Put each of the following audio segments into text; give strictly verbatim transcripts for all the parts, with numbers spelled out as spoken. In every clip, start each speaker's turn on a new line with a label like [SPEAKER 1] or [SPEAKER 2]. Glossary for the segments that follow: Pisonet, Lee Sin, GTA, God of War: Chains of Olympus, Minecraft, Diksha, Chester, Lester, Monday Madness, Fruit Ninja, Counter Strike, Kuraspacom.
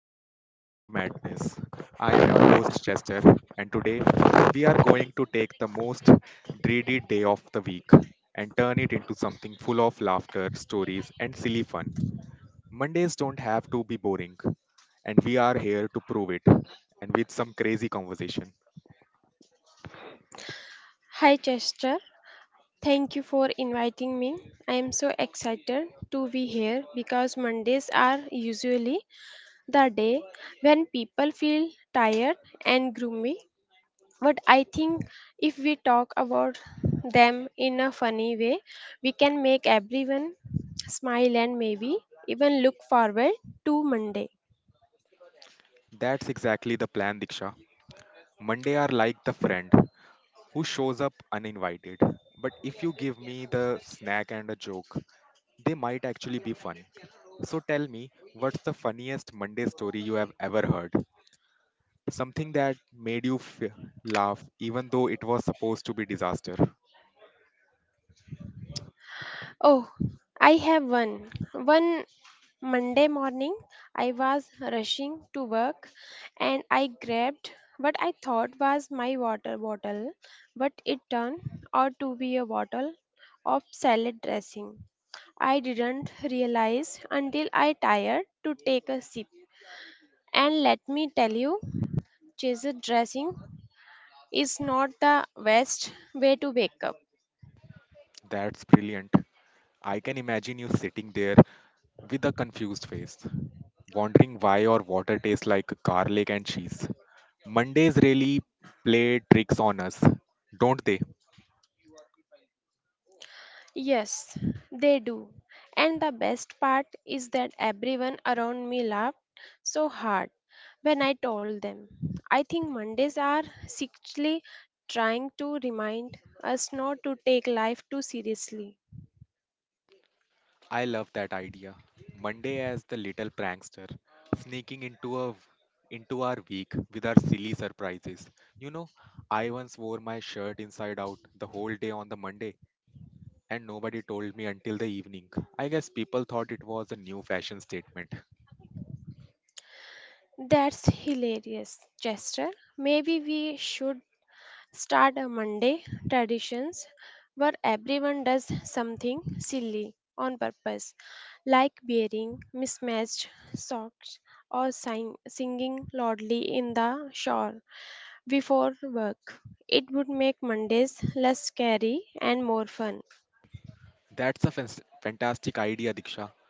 [SPEAKER 1] and welcome to the Monday Madness. I am your host, Chester, and today we are going to take the most dreaded day of the week and turn it into something full of laughter, stories, and silly fun. Mondays don't have to be boring, and we are here to prove it, and with some crazy conversation.
[SPEAKER 2] Hi Chester, thank you for inviting me. I am so excited to be here because Mondays are usually the day when people feel tired and gloomy. But I think if we talk about them in a funny way, we can make everyone smile and maybe even look forward to Monday.
[SPEAKER 1] That's exactly the plan, Diksha. Monday are like the friend who shows up uninvited, but if you give me the snack and a joke, they might actually be fun. So tell me, what's the funniest Monday story you have ever heard? Something that made you f- laugh even though it was supposed to be disaster.
[SPEAKER 2] Oh, I have one. One Monday morning, I was rushing to work and I grabbed what I thought was my water bottle, but it turned out to be a bottle of salad dressing. I didn't realize until I tired to take a sip. And let me tell you, chased dressing is not the best way to wake up.
[SPEAKER 1] That's brilliant. I can imagine you sitting there with a confused face, wondering why your water tastes like garlic and cheese. Mondays really play tricks on us, don't they?
[SPEAKER 2] Yes, they do. And the best part is that everyone around me laughed so hard when I told them. I think Mondays are secretly trying to remind us not to take life too seriously.
[SPEAKER 1] I love that idea. Monday as the little prankster, sneaking into a into our week with our silly surprises. You know, I once wore my shirt inside out the whole day on the Monday and nobody told me until the evening. I guess people thought it was a new fashion statement.
[SPEAKER 2] That's hilarious, Chester. Maybe we should start a Monday traditions where everyone does something silly on purpose, like wearing mismatched socks or sing- singing loudly in the shower before work. It would make Mondays less scary and more fun.
[SPEAKER 1] That's a fas- fantastic idea, Diksha.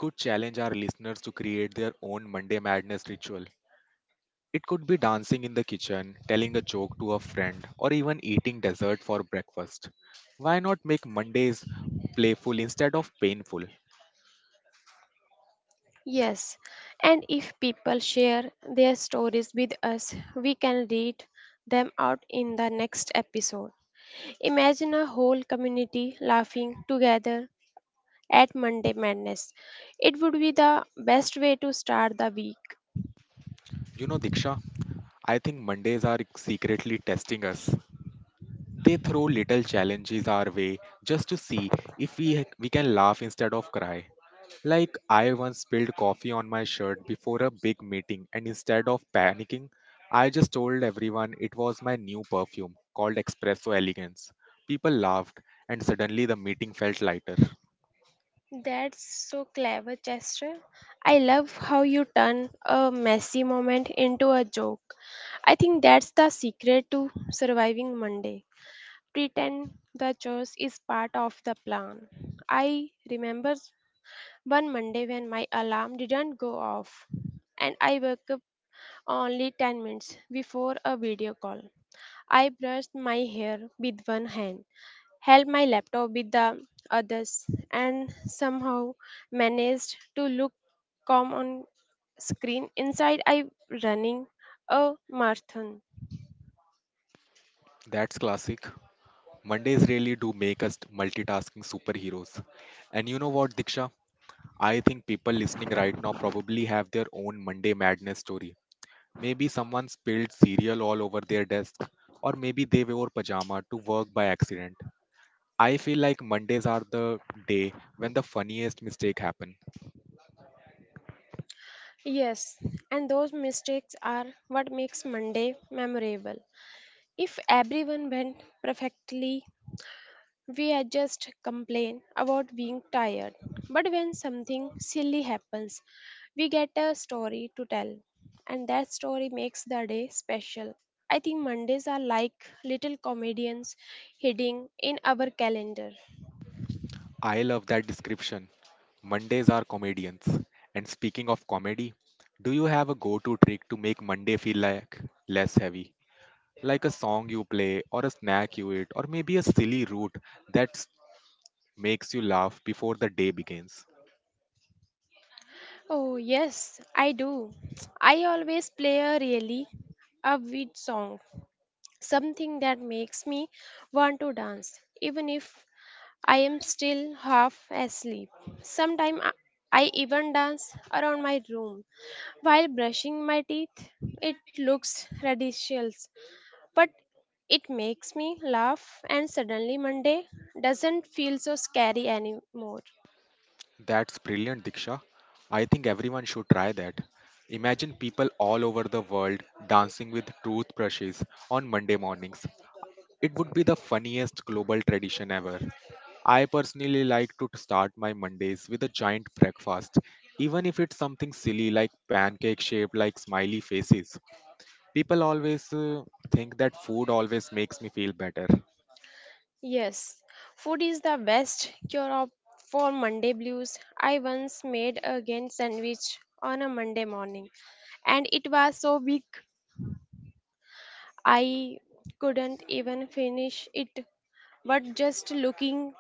[SPEAKER 1] We could challenge our listeners to create their own Monday madness ritual. It could be dancing in the kitchen, telling a joke to a friend, or even eating dessert for breakfast. Why not make Mondays playful instead of painful?
[SPEAKER 2] Yes, and if people share their stories with us, we can read them out in the next episode. Imagine a whole community laughing together at Monday Madness. It would be the best way to start the week.
[SPEAKER 1] You know, Diksha, I think Mondays are secretly testing us. They throw little challenges our way just to see if we, we can laugh instead of cry. Like, I once spilled coffee on my shirt before a big meeting, and instead of panicking, I just told everyone it was my new perfume called Espresso Elegance. People laughed, and suddenly the meeting felt lighter.
[SPEAKER 2] That's so clever, Chester. I love how you turn a messy moment into a joke. I think that's the secret to surviving Monday. Pretend the chores is part of the plan. I remember one Monday when my alarm didn't go off and I woke up only ten minutes before a video call. I brushed my hair with one hand held my laptop with the others, and somehow managed to look calm on screen. Inside, I running a marathon.
[SPEAKER 1] That's classic. Mondays really do make us multitasking superheroes. And you know what, Diksha? I think people listening right now probably have their own Monday madness story. Maybe someone spilled cereal all over their desk, or maybe they wore pajama to work by accident. I feel like Mondays are the day when the funniest mistake happen.
[SPEAKER 2] Yes, and those mistakes are what makes Monday memorable. If everyone went perfectly, we are just complain about being tired. But when something silly happens, we get a story to tell. And that story makes the day special. I think Mondays are like little comedians hiding in our calendar.
[SPEAKER 1] I love that description. Mondays are comedians. And speaking of comedy, do you have a go-to trick to make Monday feel like less heavy? Like a song you play or a snack you eat or maybe a silly route that s- makes you laugh before the day begins.
[SPEAKER 2] Oh, yes, I do. I always play a really upbeat song, something that makes me want to dance, even if I am still half asleep. Sometimes I I even dance around my room while brushing my teeth. It looks ridiculous, but it makes me laugh, and suddenly Monday doesn't feel so scary anymore.
[SPEAKER 1] That's brilliant, Diksha. I think everyone should try that. Imagine people all over the world dancing with toothbrushes on Monday mornings. It would be the funniest global tradition ever. I personally like to start my Mondays with a giant breakfast, even if it's something silly like pancake shaped like smiley faces. People always uh, think that food always makes me feel better.
[SPEAKER 2] Yes, food is the best cure of, for Monday blues. I once made a gain sandwich on a Monday morning, and it was so big I couldn't even finish it. But just looking,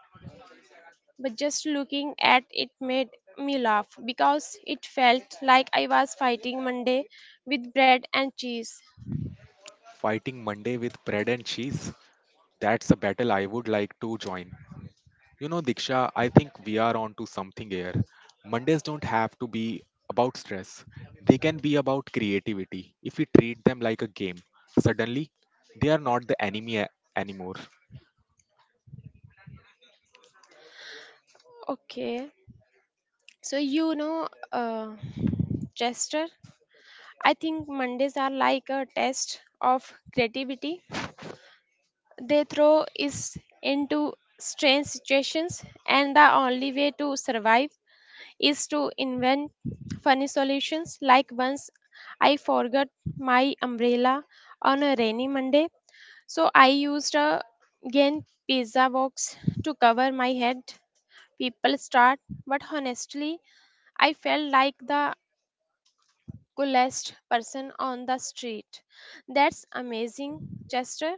[SPEAKER 2] but just looking at it made me laugh because it felt like I was fighting Monday with bread and cheese.
[SPEAKER 1] Fighting Monday with bread and cheese, that's a battle I would like to join. You know, Diksha, I think we are onto something here. Mondays don't have to be about stress, they can be about creativity. If we treat them like a game, suddenly they are not the enemy a- anymore.
[SPEAKER 2] Okay, so you know, uh, Chester. I think Mondays are like a test of creativity. They throw us into strange situations, and the only way to survive is to invent funny solutions. Like once I forgot my umbrella on a rainy Monday, so I used a giant pizza box to cover my head. People start, but honestly, I felt like the coolest person on the street. That's amazing, Chester.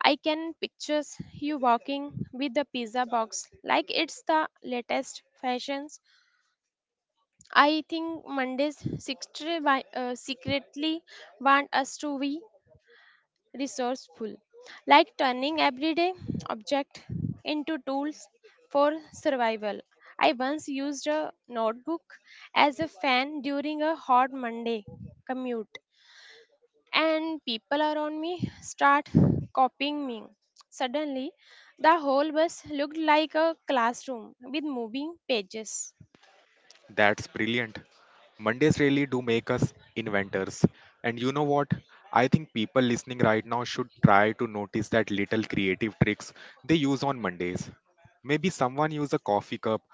[SPEAKER 2] I can picture you walking with the pizza box like it's the latest fashions. I think Mondays secretly wi- uh, secretly want us to be resourceful, like turning everyday object into tools for survival. I once used a notebook as a fan during a hot Monday commute and people around me start copying me. Suddenly, the whole bus looked like a classroom with moving pages.
[SPEAKER 1] That's brilliant. Mondays really do make us inventors. And you know what? I think people listening right now should try to notice that little creative tricks they use on Mondays. Maybe someone use a coffee cup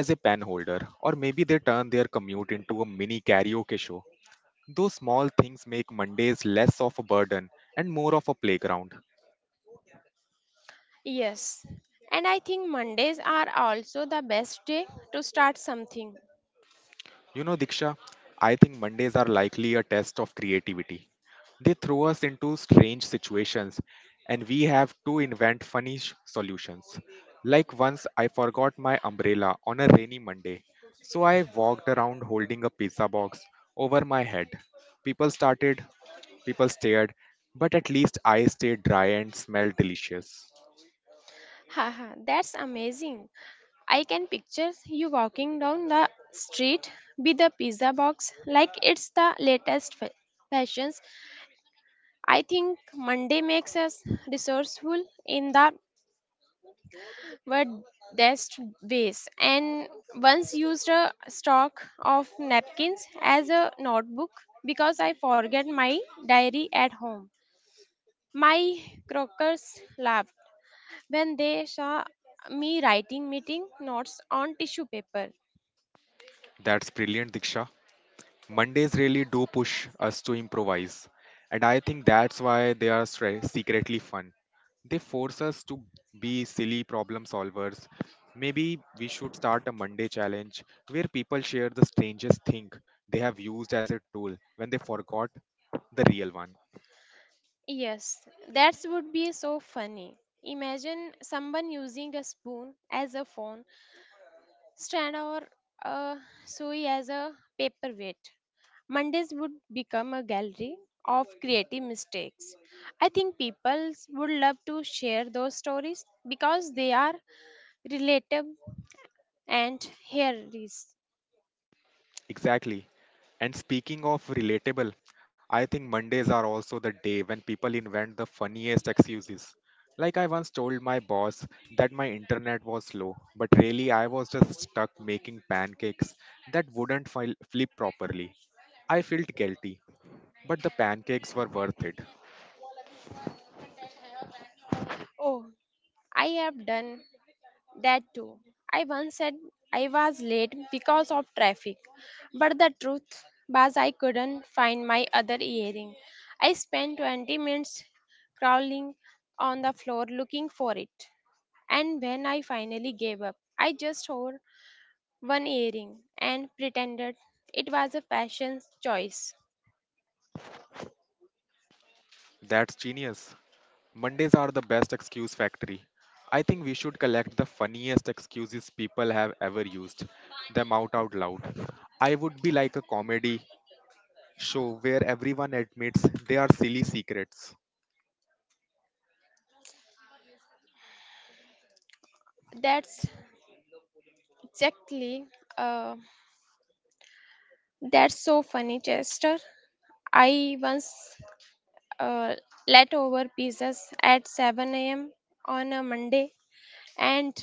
[SPEAKER 1] as a pen holder, or maybe they turn their commute into a mini karaoke show. Those small things make Mondays less of a burden and more of a playground.
[SPEAKER 2] Yes, and I think Mondays are also the best day to start something.
[SPEAKER 1] You know, Diksha, I think Mondays are likely a test of creativity. They throw us into strange situations and we have to invent funny sh- solutions. Like once I forgot my umbrella on a rainy Monday, so I walked around holding a pizza box over my head. People started, people stared, but at least I stayed dry and smelled delicious.
[SPEAKER 2] Haha, that's amazing. I can picture you walking down the street with a pizza box like it's the latest fa- fashions. I think Monday makes us resourceful in the were dashed waste and once used a stock of napkins as a notebook because I forget my diary at home. My croakers laughed when they saw me writing meeting notes on tissue paper.
[SPEAKER 1] That's brilliant, Diksha. Mondays really do push us to improvise. And I think that's why they are stre- secretly fun. They force us to be silly problem solvers. Maybe we should start a Monday challenge where people share the strangest thing they have used as a tool when they forgot the real one.
[SPEAKER 2] Yes, that would be so funny. Imagine someone using a spoon as a phone Strand or uh, Sui as a paperweight. Mondays would become a gallery of creative mistakes. I think people would love to share those stories because they are relatable and hilarious.
[SPEAKER 1] Exactly. And speaking of relatable, I think Mondays are also the day when people invent the funniest excuses. Like I once told my boss that my internet was slow, but really I was just stuck making pancakes that wouldn't fil- flip properly. I felt guilty, but the pancakes were worth it.
[SPEAKER 2] Oh, I have done that too. I once said I was late because of traffic, but the truth was I couldn't find my other earring. I spent twenty minutes crawling on the floor looking for it. And when I finally gave up, I just wore one earring and pretended it was a fashion choice.
[SPEAKER 1] That's genius. Mondays are the best excuse factory. I think we should collect the funniest excuses people have ever used them out out loud. I would be like a comedy show where everyone admits they are silly secrets.
[SPEAKER 2] That's exactly uh, that's so funny, Chester. I once uh, leftover pizzas at seven a m on a Monday, and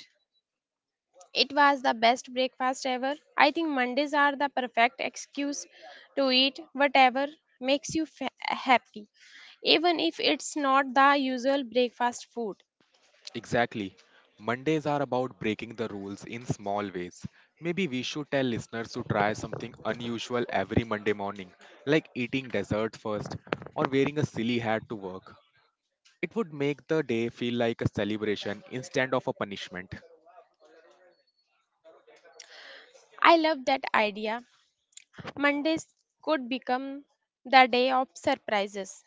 [SPEAKER 2] it was the best breakfast ever. I think Mondays are the perfect excuse to eat whatever makes you fa- happy, even if it's not the usual breakfast food.
[SPEAKER 1] Exactly. Mondays are about breaking the rules in small ways. Maybe we should tell listeners to try something unusual every Monday morning, like eating dessert first or wearing a silly hat to work. It would make the day feel like a celebration instead of a punishment.
[SPEAKER 2] I love that idea. Mondays could become the day of surprises,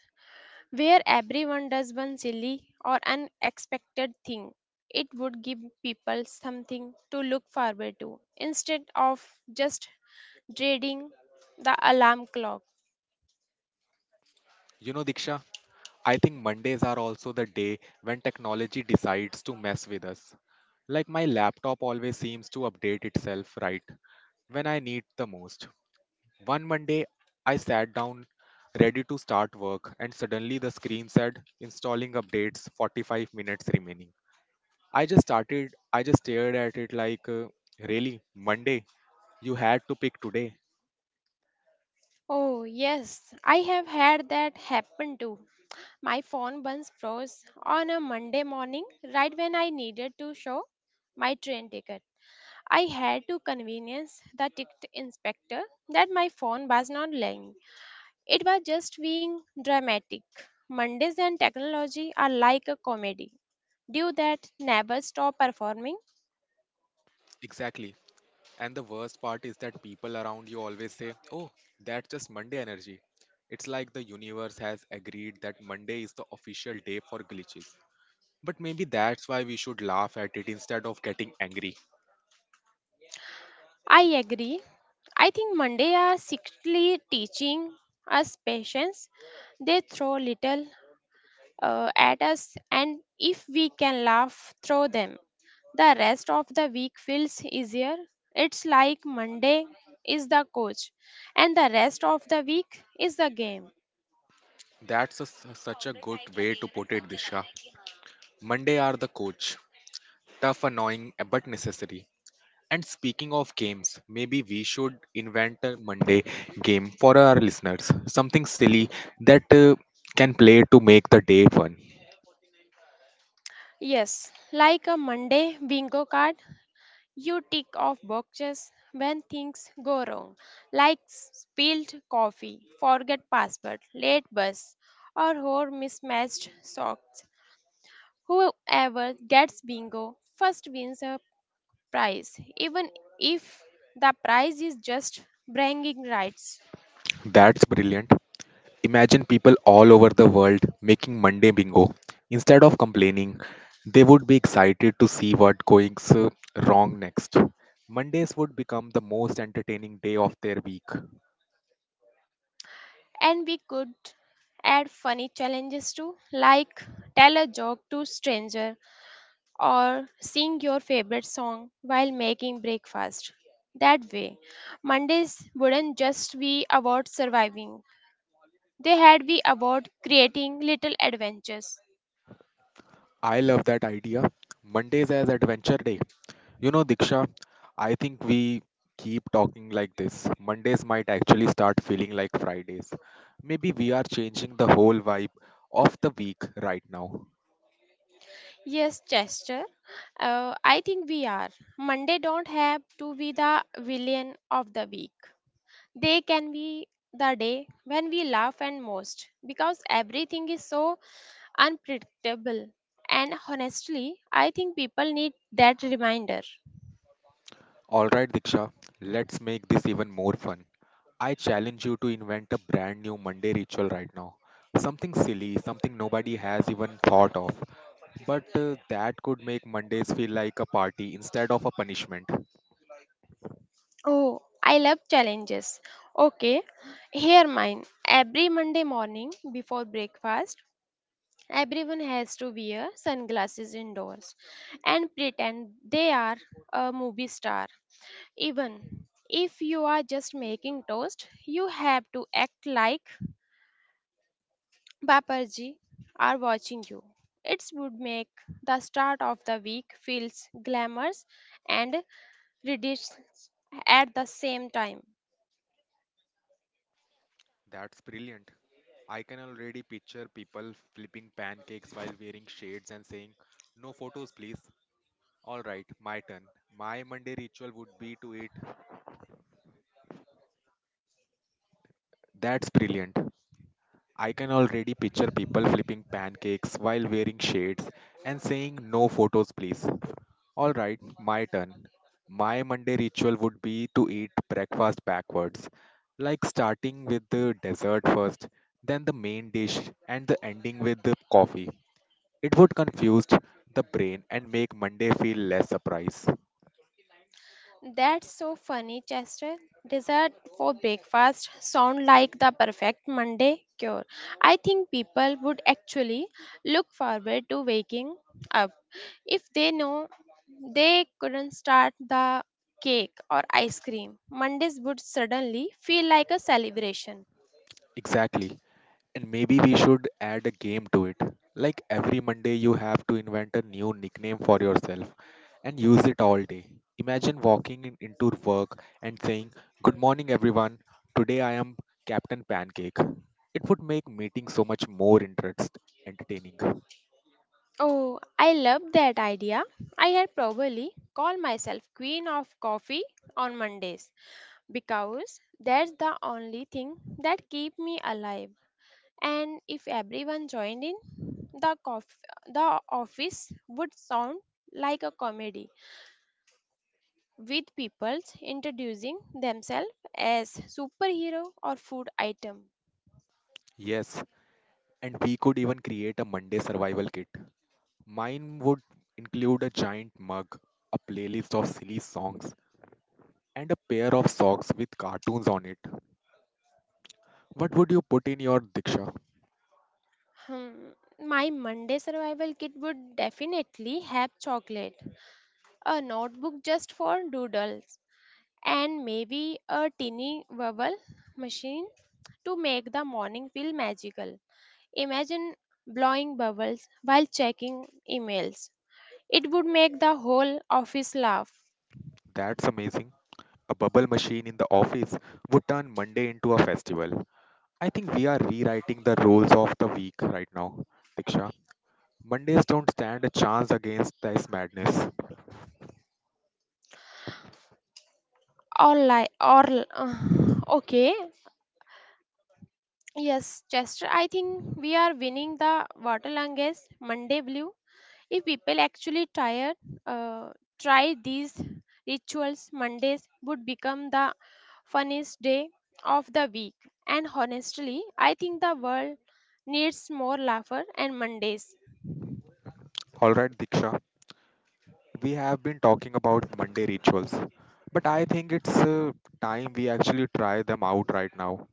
[SPEAKER 2] where everyone does one silly or unexpected thing. It would give people something to look forward to instead of just dreading the alarm clock.
[SPEAKER 1] You know, Diksha, I think Mondays are also the day when technology decides to mess with us. Like my laptop always seems to update itself right when I need the most. One Monday, I sat down ready to start work and suddenly the screen said installing updates forty-five minutes remaining. I just started, I just stared at it like, uh, really, Monday? You had to pick today.
[SPEAKER 2] Oh, yes, I have had that happen too. My phone once froze on a Monday morning right when I needed to show my train ticket. I had to convince the ticket inspector that my phone was not lying. It was just being dramatic. Mondays and technology are like a comedy. Do that never stop performing?
[SPEAKER 1] Exactly. And the worst part is that people around you always say, oh, that's just Monday energy. It's like the universe has agreed that Monday is the official day for glitches. But maybe that's why we should laugh at it instead of getting angry.
[SPEAKER 2] I agree. I think Monday are secretly teaching us patience. They throw little uh, at us, and if we can laugh through them, the rest of the week feels easier. It's like Monday is the coach, and the rest of the week is the game.
[SPEAKER 1] That's a s such a good way to put it, Disha. Monday are the coach. Tough, annoying, but necessary. And speaking of games, maybe we should invent a Monday game for our listeners. Something silly that uh, can play to make the day fun.
[SPEAKER 2] Yes, like a Monday bingo card, you tick off boxes when things go wrong, like spilled coffee, forget password, late bus, or whole mismatched socks. Whoever gets bingo first wins a prize, even if the prize is just bragging rights.
[SPEAKER 1] That's brilliant. Imagine people all over the world making Monday bingo. Instead of complaining, they would be excited to see what going's uh, wrong next. Mondays would become the most entertaining day of their week.
[SPEAKER 2] And we could add funny challenges too, like tell a joke to stranger or sing your favorite song while making breakfast. That way, Mondays wouldn't just be about surviving, they had be about creating little adventures.
[SPEAKER 1] I love that idea. Mondays as adventure day. You know, Diksha, I think we keep talking like this. Mondays might actually start feeling like Fridays. Maybe we are changing the whole vibe of the week right now.
[SPEAKER 2] Yes, Chester, uh, I think we are. Monday don't have to be the villain of the week. They can be the day when we laugh and most because everything is so unpredictable. And honestly, I think people need that reminder.
[SPEAKER 1] All right, Diksha, let's make this even more fun. I challenge you to invent a brand new Monday ritual right now. Something silly, something nobody has even thought of. But uh, that could make Mondays feel like a party instead of a punishment.
[SPEAKER 2] Oh, I love challenges. Okay, here mine. Every Monday morning before breakfast, everyone has to wear sunglasses indoors and pretend they are a movie star. Even if you are just making toast, you have to act like Baparji are watching you. It would make the start of the week feels glamorous and ridiculous at the same time.
[SPEAKER 1] That's brilliant. I can already picture people flipping pancakes while wearing shades and saying, "No photos, please." Alright, my turn. My Monday ritual would be to eat. That's brilliant. I can already picture people flipping pancakes while wearing shades and saying, "No photos, please." All right, my turn. My Monday ritual would be to eat breakfast backwards, like starting with the dessert first, then the main dish, and the ending with the coffee. It would confuse the brain and make Monday feel less surprise.
[SPEAKER 2] That's so funny, Chester. Dessert for breakfast sound like the perfect Monday cure. I think people would actually look forward to waking up if they know they couldn't start the cake or ice cream. Mondays would suddenly feel like a celebration.
[SPEAKER 1] Exactly. And maybe we should add a game to it. Like every Monday, you have to invent a new nickname for yourself and use it all day. Imagine walking in- into work and saying, "Good morning, everyone. Today I am Captain Pancake." It would make meetings so much more interest entertaining.
[SPEAKER 2] Oh, I love that idea. I had probably call myself queen of coffee on Mondays because that's the only thing that keep me alive. And if everyone joined in, the cof- the office would sound like a comedy with people introducing themselves as superhero or food item.
[SPEAKER 1] Yes, and we could even create a Monday survival kit. Mine would include a giant mug, a playlist of silly songs, and a pair of socks with cartoons on it. What would you put in your Diksha?
[SPEAKER 2] Hmm, my Monday survival kit would definitely have chocolate, a notebook just for doodles, and maybe a tiny verbal machine to make the morning feel magical. Imagine blowing bubbles while checking emails. It would make the whole office laugh
[SPEAKER 1] That's amazing. A bubble machine in the office would turn Monday into a festival. I think we are rewriting the rules of the week right now, Diksha. Mondays don't stand a chance against this madness.
[SPEAKER 2] or like, or uh, okay. Yes, Chester, I think we are winning the Waterlanges Monday Blue. If people actually tired, uh, try these rituals, Mondays would become the funniest day of the week. And honestly, I think the world needs more laughter and Mondays.
[SPEAKER 1] Alright, Diksha, we have been talking about Monday rituals, but I think it's uh, time we actually try them out right now,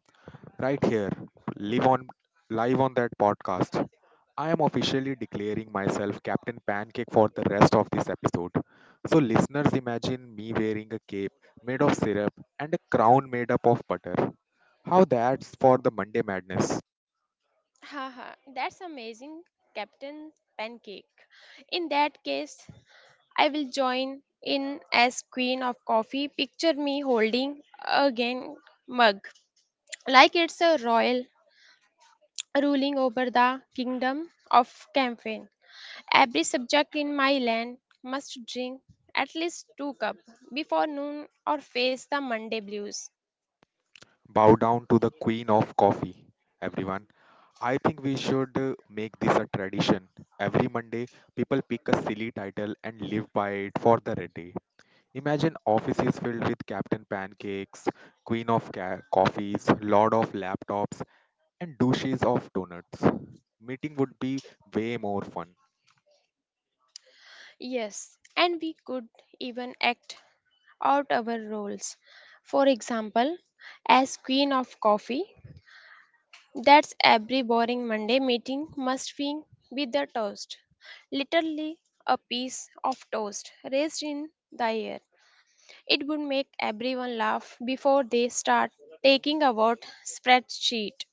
[SPEAKER 1] right here, live on, live on that podcast. I am officially declaring myself Captain Pancake for the rest of this episode. So, listeners, imagine me wearing a cape made of syrup and a crown made up of butter. How that's for the Monday madness.
[SPEAKER 2] Haha, that's amazing, Captain Pancake. In that case, I will join in as queen of coffee. Picture me holding a again mug, like it's a royal ruling over the kingdom of Campaign. Every subject in my land must drink at least two cup before noon or face the Monday blues.
[SPEAKER 1] Bow down to the queen of coffee, everyone. I think we should uh, make this a tradition. Every Monday, people pick a silly title and live by it for the red day. Imagine offices filled with Captain Pancakes, Queen of ca- Coffees, Lord of Laptops, and douches of donuts. Meeting would be way more fun.
[SPEAKER 2] Yes, and we could even act out our roles. For example, as queen of coffee, that's every boring Monday meeting must be with the toast. Literally a piece of toast raised in the air. It would make everyone laugh before they start taking about spreadsheet.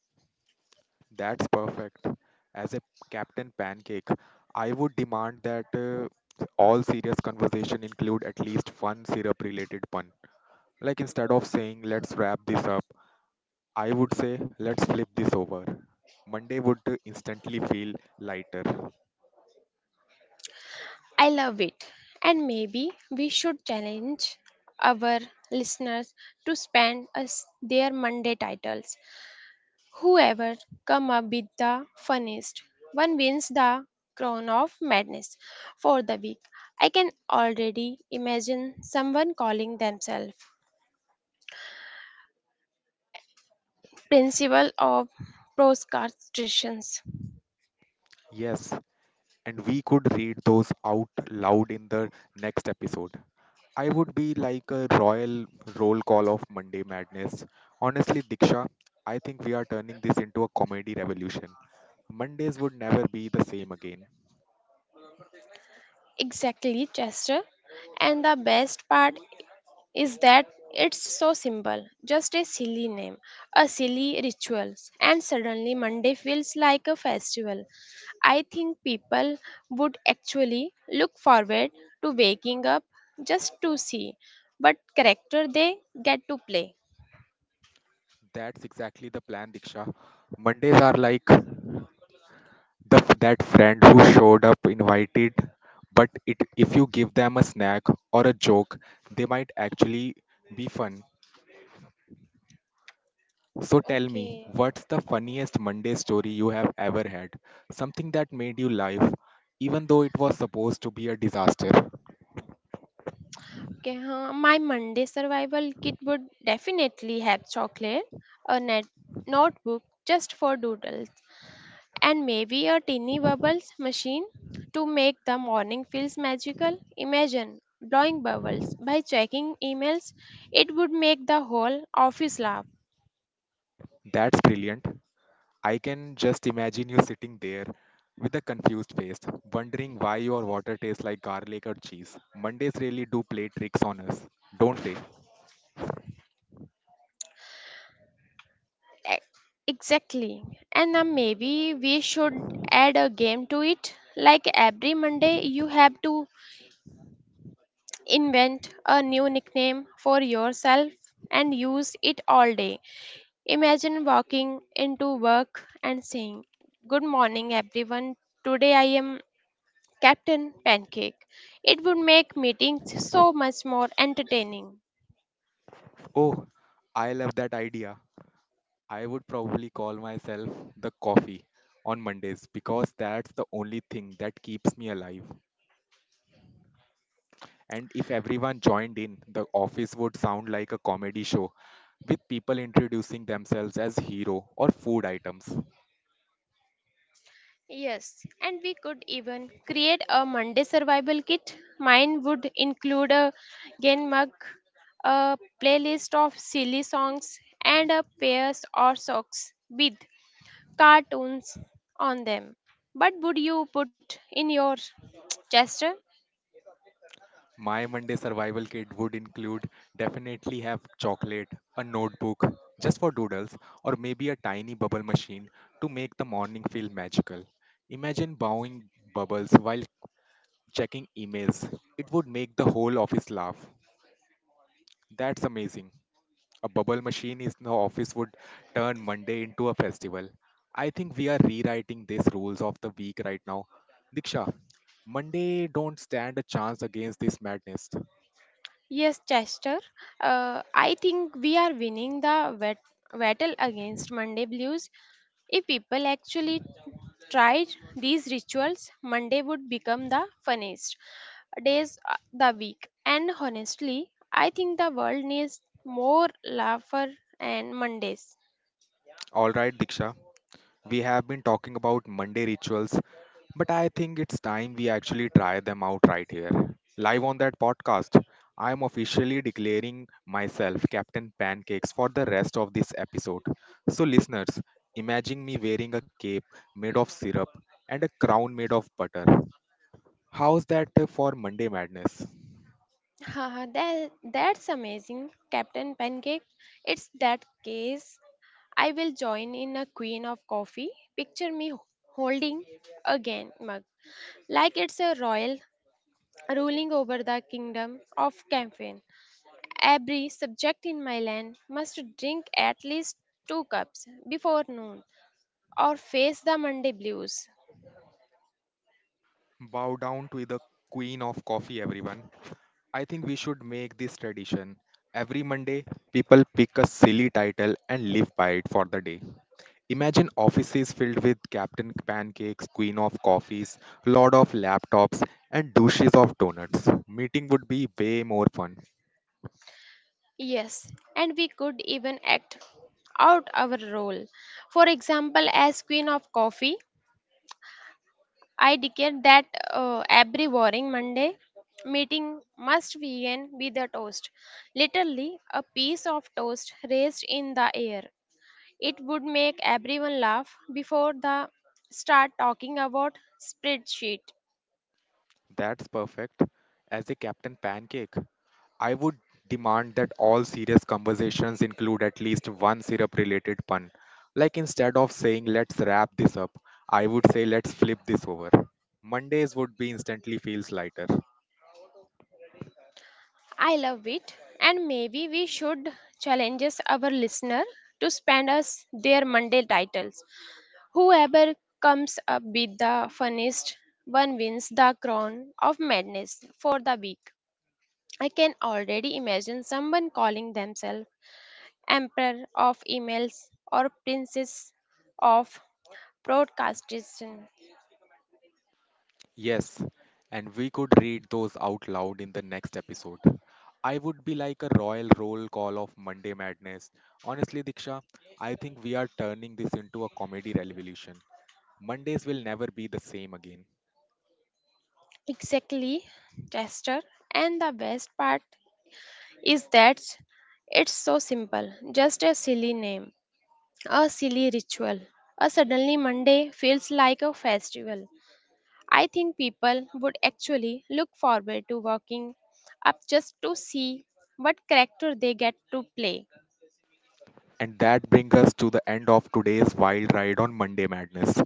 [SPEAKER 1] That's perfect. As a Captain Pancake, I would demand that uh, all serious conversation include at least one syrup related pun. Like instead of saying let's wrap this up, I would say let's flip this over. Monday would uh, instantly feel lighter.
[SPEAKER 2] I love it. And maybe we should challenge our listeners to spend us their Monday titles. Whoever come up with the funniest one wins the crown of madness for the week. I can already imagine someone calling themselves principal of proscartitions.
[SPEAKER 1] Yes, and we could read those out loud in the next episode. I would be like a royal roll call of Monday madness. Honestly, Diksha, I think we are turning this into a comedy revolution. Mondays would never be the same again.
[SPEAKER 2] Exactly, Chester. And the best part is that it's so simple, just a silly name, a silly rituals, and suddenly monday feels like a festival. I think people would actually look forward to waking up just to see what character they get to play.
[SPEAKER 1] That's exactly the plan, Diksha. Mondays are like the f- that friend who showed up invited, but it if you give them a snack or a joke, they might actually be fun. So tell me,
[SPEAKER 2] okay
[SPEAKER 1] what's the
[SPEAKER 2] uh,
[SPEAKER 1] funniest Monday story you have ever had? Something that made you laugh, even though it was supposed to be a disaster.
[SPEAKER 2] Okay, huh, my Monday survival kit would definitely have chocolate, a net notebook just for doodles, and maybe a tiny bubbles machine to make the morning feels magical. Imagine blowing bubbles by checking emails, it would make the whole office laugh.
[SPEAKER 1] That's brilliant. I can just imagine you sitting there with a confused face, wondering why your water tastes like garlic or cheese. Mondays really do play tricks on us, don't they?
[SPEAKER 2] E- Exactly. And then maybe we should add a game to it. Like every Monday, you have to invent a new nickname for yourself and use it all day. Imagine walking into work and saying, Good morning, everyone. Today I am Captain Pancake. It would make meetings so much more entertaining.
[SPEAKER 1] Oh, I love that idea. I would probably call myself the coffee on Mondays because that's the only thing that keeps me alive. And if everyone joined in, the office would sound like a comedy show with people introducing themselves as hero or food items.
[SPEAKER 2] Yes, and we could even create a Monday survival kit. Mine would include a game mug, a playlist of silly songs, and a pairs or socks with cartoons on them. But would you put in your gesture?
[SPEAKER 1] My Monday survival kit would include definitely have chocolate, a notebook just for doodles, or maybe a tiny bubble machine to make the morning feel magical. Imagine bowing bubbles while checking emails. It would make the whole office laugh. That's amazing. A bubble machine in the office would turn Monday into a festival. I think we are rewriting these rules of the week right now. Diksha, Monday don't stand a chance against this madness.
[SPEAKER 2] Yes, Chester. Uh, I think we are winning the bat- battle against Monday blues. If people actually tried these rituals, Monday would become the funniest days uh, the week. And honestly, I think the world needs more laughter and Mondays.
[SPEAKER 1] All right, Diksha. We have been talking about Monday rituals, but I think it's time we actually try them out right here. Live on that podcast, I am officially declaring myself Captain Pancakes for the rest of this episode. So, listeners, imagine me wearing a cape made of syrup and a crown made of butter. How's that uh, for Monday Madness?
[SPEAKER 2] Haha, that, that's amazing, Captain Pancake. It's that case. I will join in a queen of coffee. Picture me h- holding a gan- mug, like it's a royal ruling over the kingdom of Campaign. Every subject in my land must drink at least two cups before noon or face the Monday blues.
[SPEAKER 1] Bow down to the queen of coffee, everyone. I think we should make this tradition. Every Monday, people pick a silly title and live by it for the day. Imagine offices filled with Captain Pancakes, Queen of Coffees, Lord of Laptops, and douches of donuts. Meeting would be way more fun.
[SPEAKER 2] Yes, and we could even act out our role. For example, as Queen of Coffee, I declare that uh, every boring Monday meeting must begin with a toast. Literally, a piece of toast raised in the air. It would make everyone laugh before the start talking about spreadsheet.
[SPEAKER 1] That's perfect. As a Captain Pancake, I would demand that all serious conversations include at least one syrup related pun. Like instead of saying let's wrap this up, I would say let's flip this over. Mondays would be instantly feels lighter.
[SPEAKER 2] I love it, and maybe we should challenge our listener to spend us their Monday titles. Whoever comes up with the funniest one wins the crown of madness for the week. I can already imagine someone calling themselves Emperor of Emails or Princess of Broadcastation.
[SPEAKER 1] Yes, and we could read those out loud in the next episode. I would be like a royal roll call of Monday Madness. Honestly, Diksha, I think we are turning this into a comedy revolution. Mondays will never be the same again.
[SPEAKER 2] Exactly, Chester. And the best part is that it's so simple, just a silly name, a silly ritual. A suddenly Monday feels like a festival. I think people would actually look forward to walking up just to see what character they get to play.
[SPEAKER 1] And that brings us to the end of today's wild ride on Monday Madness.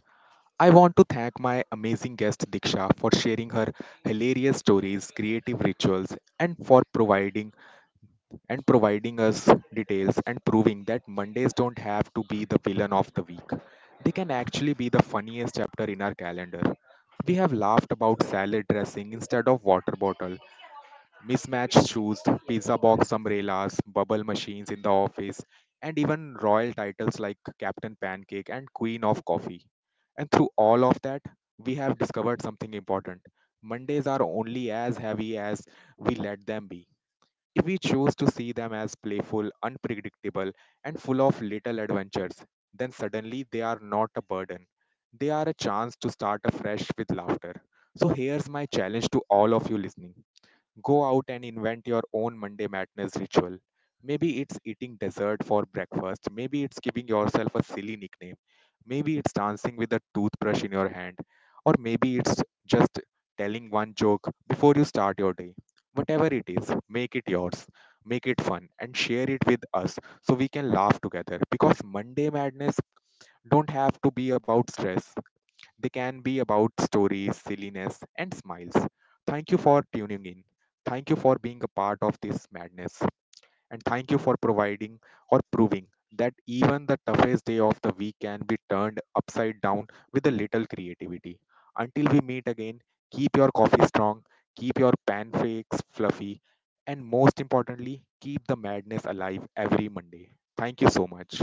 [SPEAKER 1] I want to thank my amazing guest Diksha for sharing her hilarious stories, creative rituals, and for providing and providing us details and proving that Mondays don't have to be the villain of the week. They can actually be the funniest chapter in our calendar. We have laughed about salad dressing instead of water bottle, mismatched shoes, pizza box umbrellas, bubble machines in the office, and even royal titles like Captain Pancake and Queen of Coffee. And through all of that, we have discovered something important. Mondays are only as heavy as we let them be. If we choose to see them as playful, unpredictable, and full of little adventures, then suddenly they are not a burden. They are a chance to start afresh with laughter. So here's my challenge to all of you listening. Go out and invent your own Monday madness ritual. Maybe it's eating dessert for breakfast. Maybe it's giving yourself a silly nickname. Maybe it's dancing with a toothbrush in your hand. Or maybe it's just telling one joke before you start your day. Whatever it is, make it yours. Make it fun and share it with us so we can laugh together. Because Monday madness don't have to be about stress. They can be about stories, silliness, and smiles. Thank you for tuning in. Thank you for being a part of this madness. And thank you for providing or proving that even the toughest day of the week can be turned upside down with a little creativity. Until we meet again, keep your coffee strong, keep your pancakes fluffy, and most importantly, keep the madness alive every Monday. Thank you so much.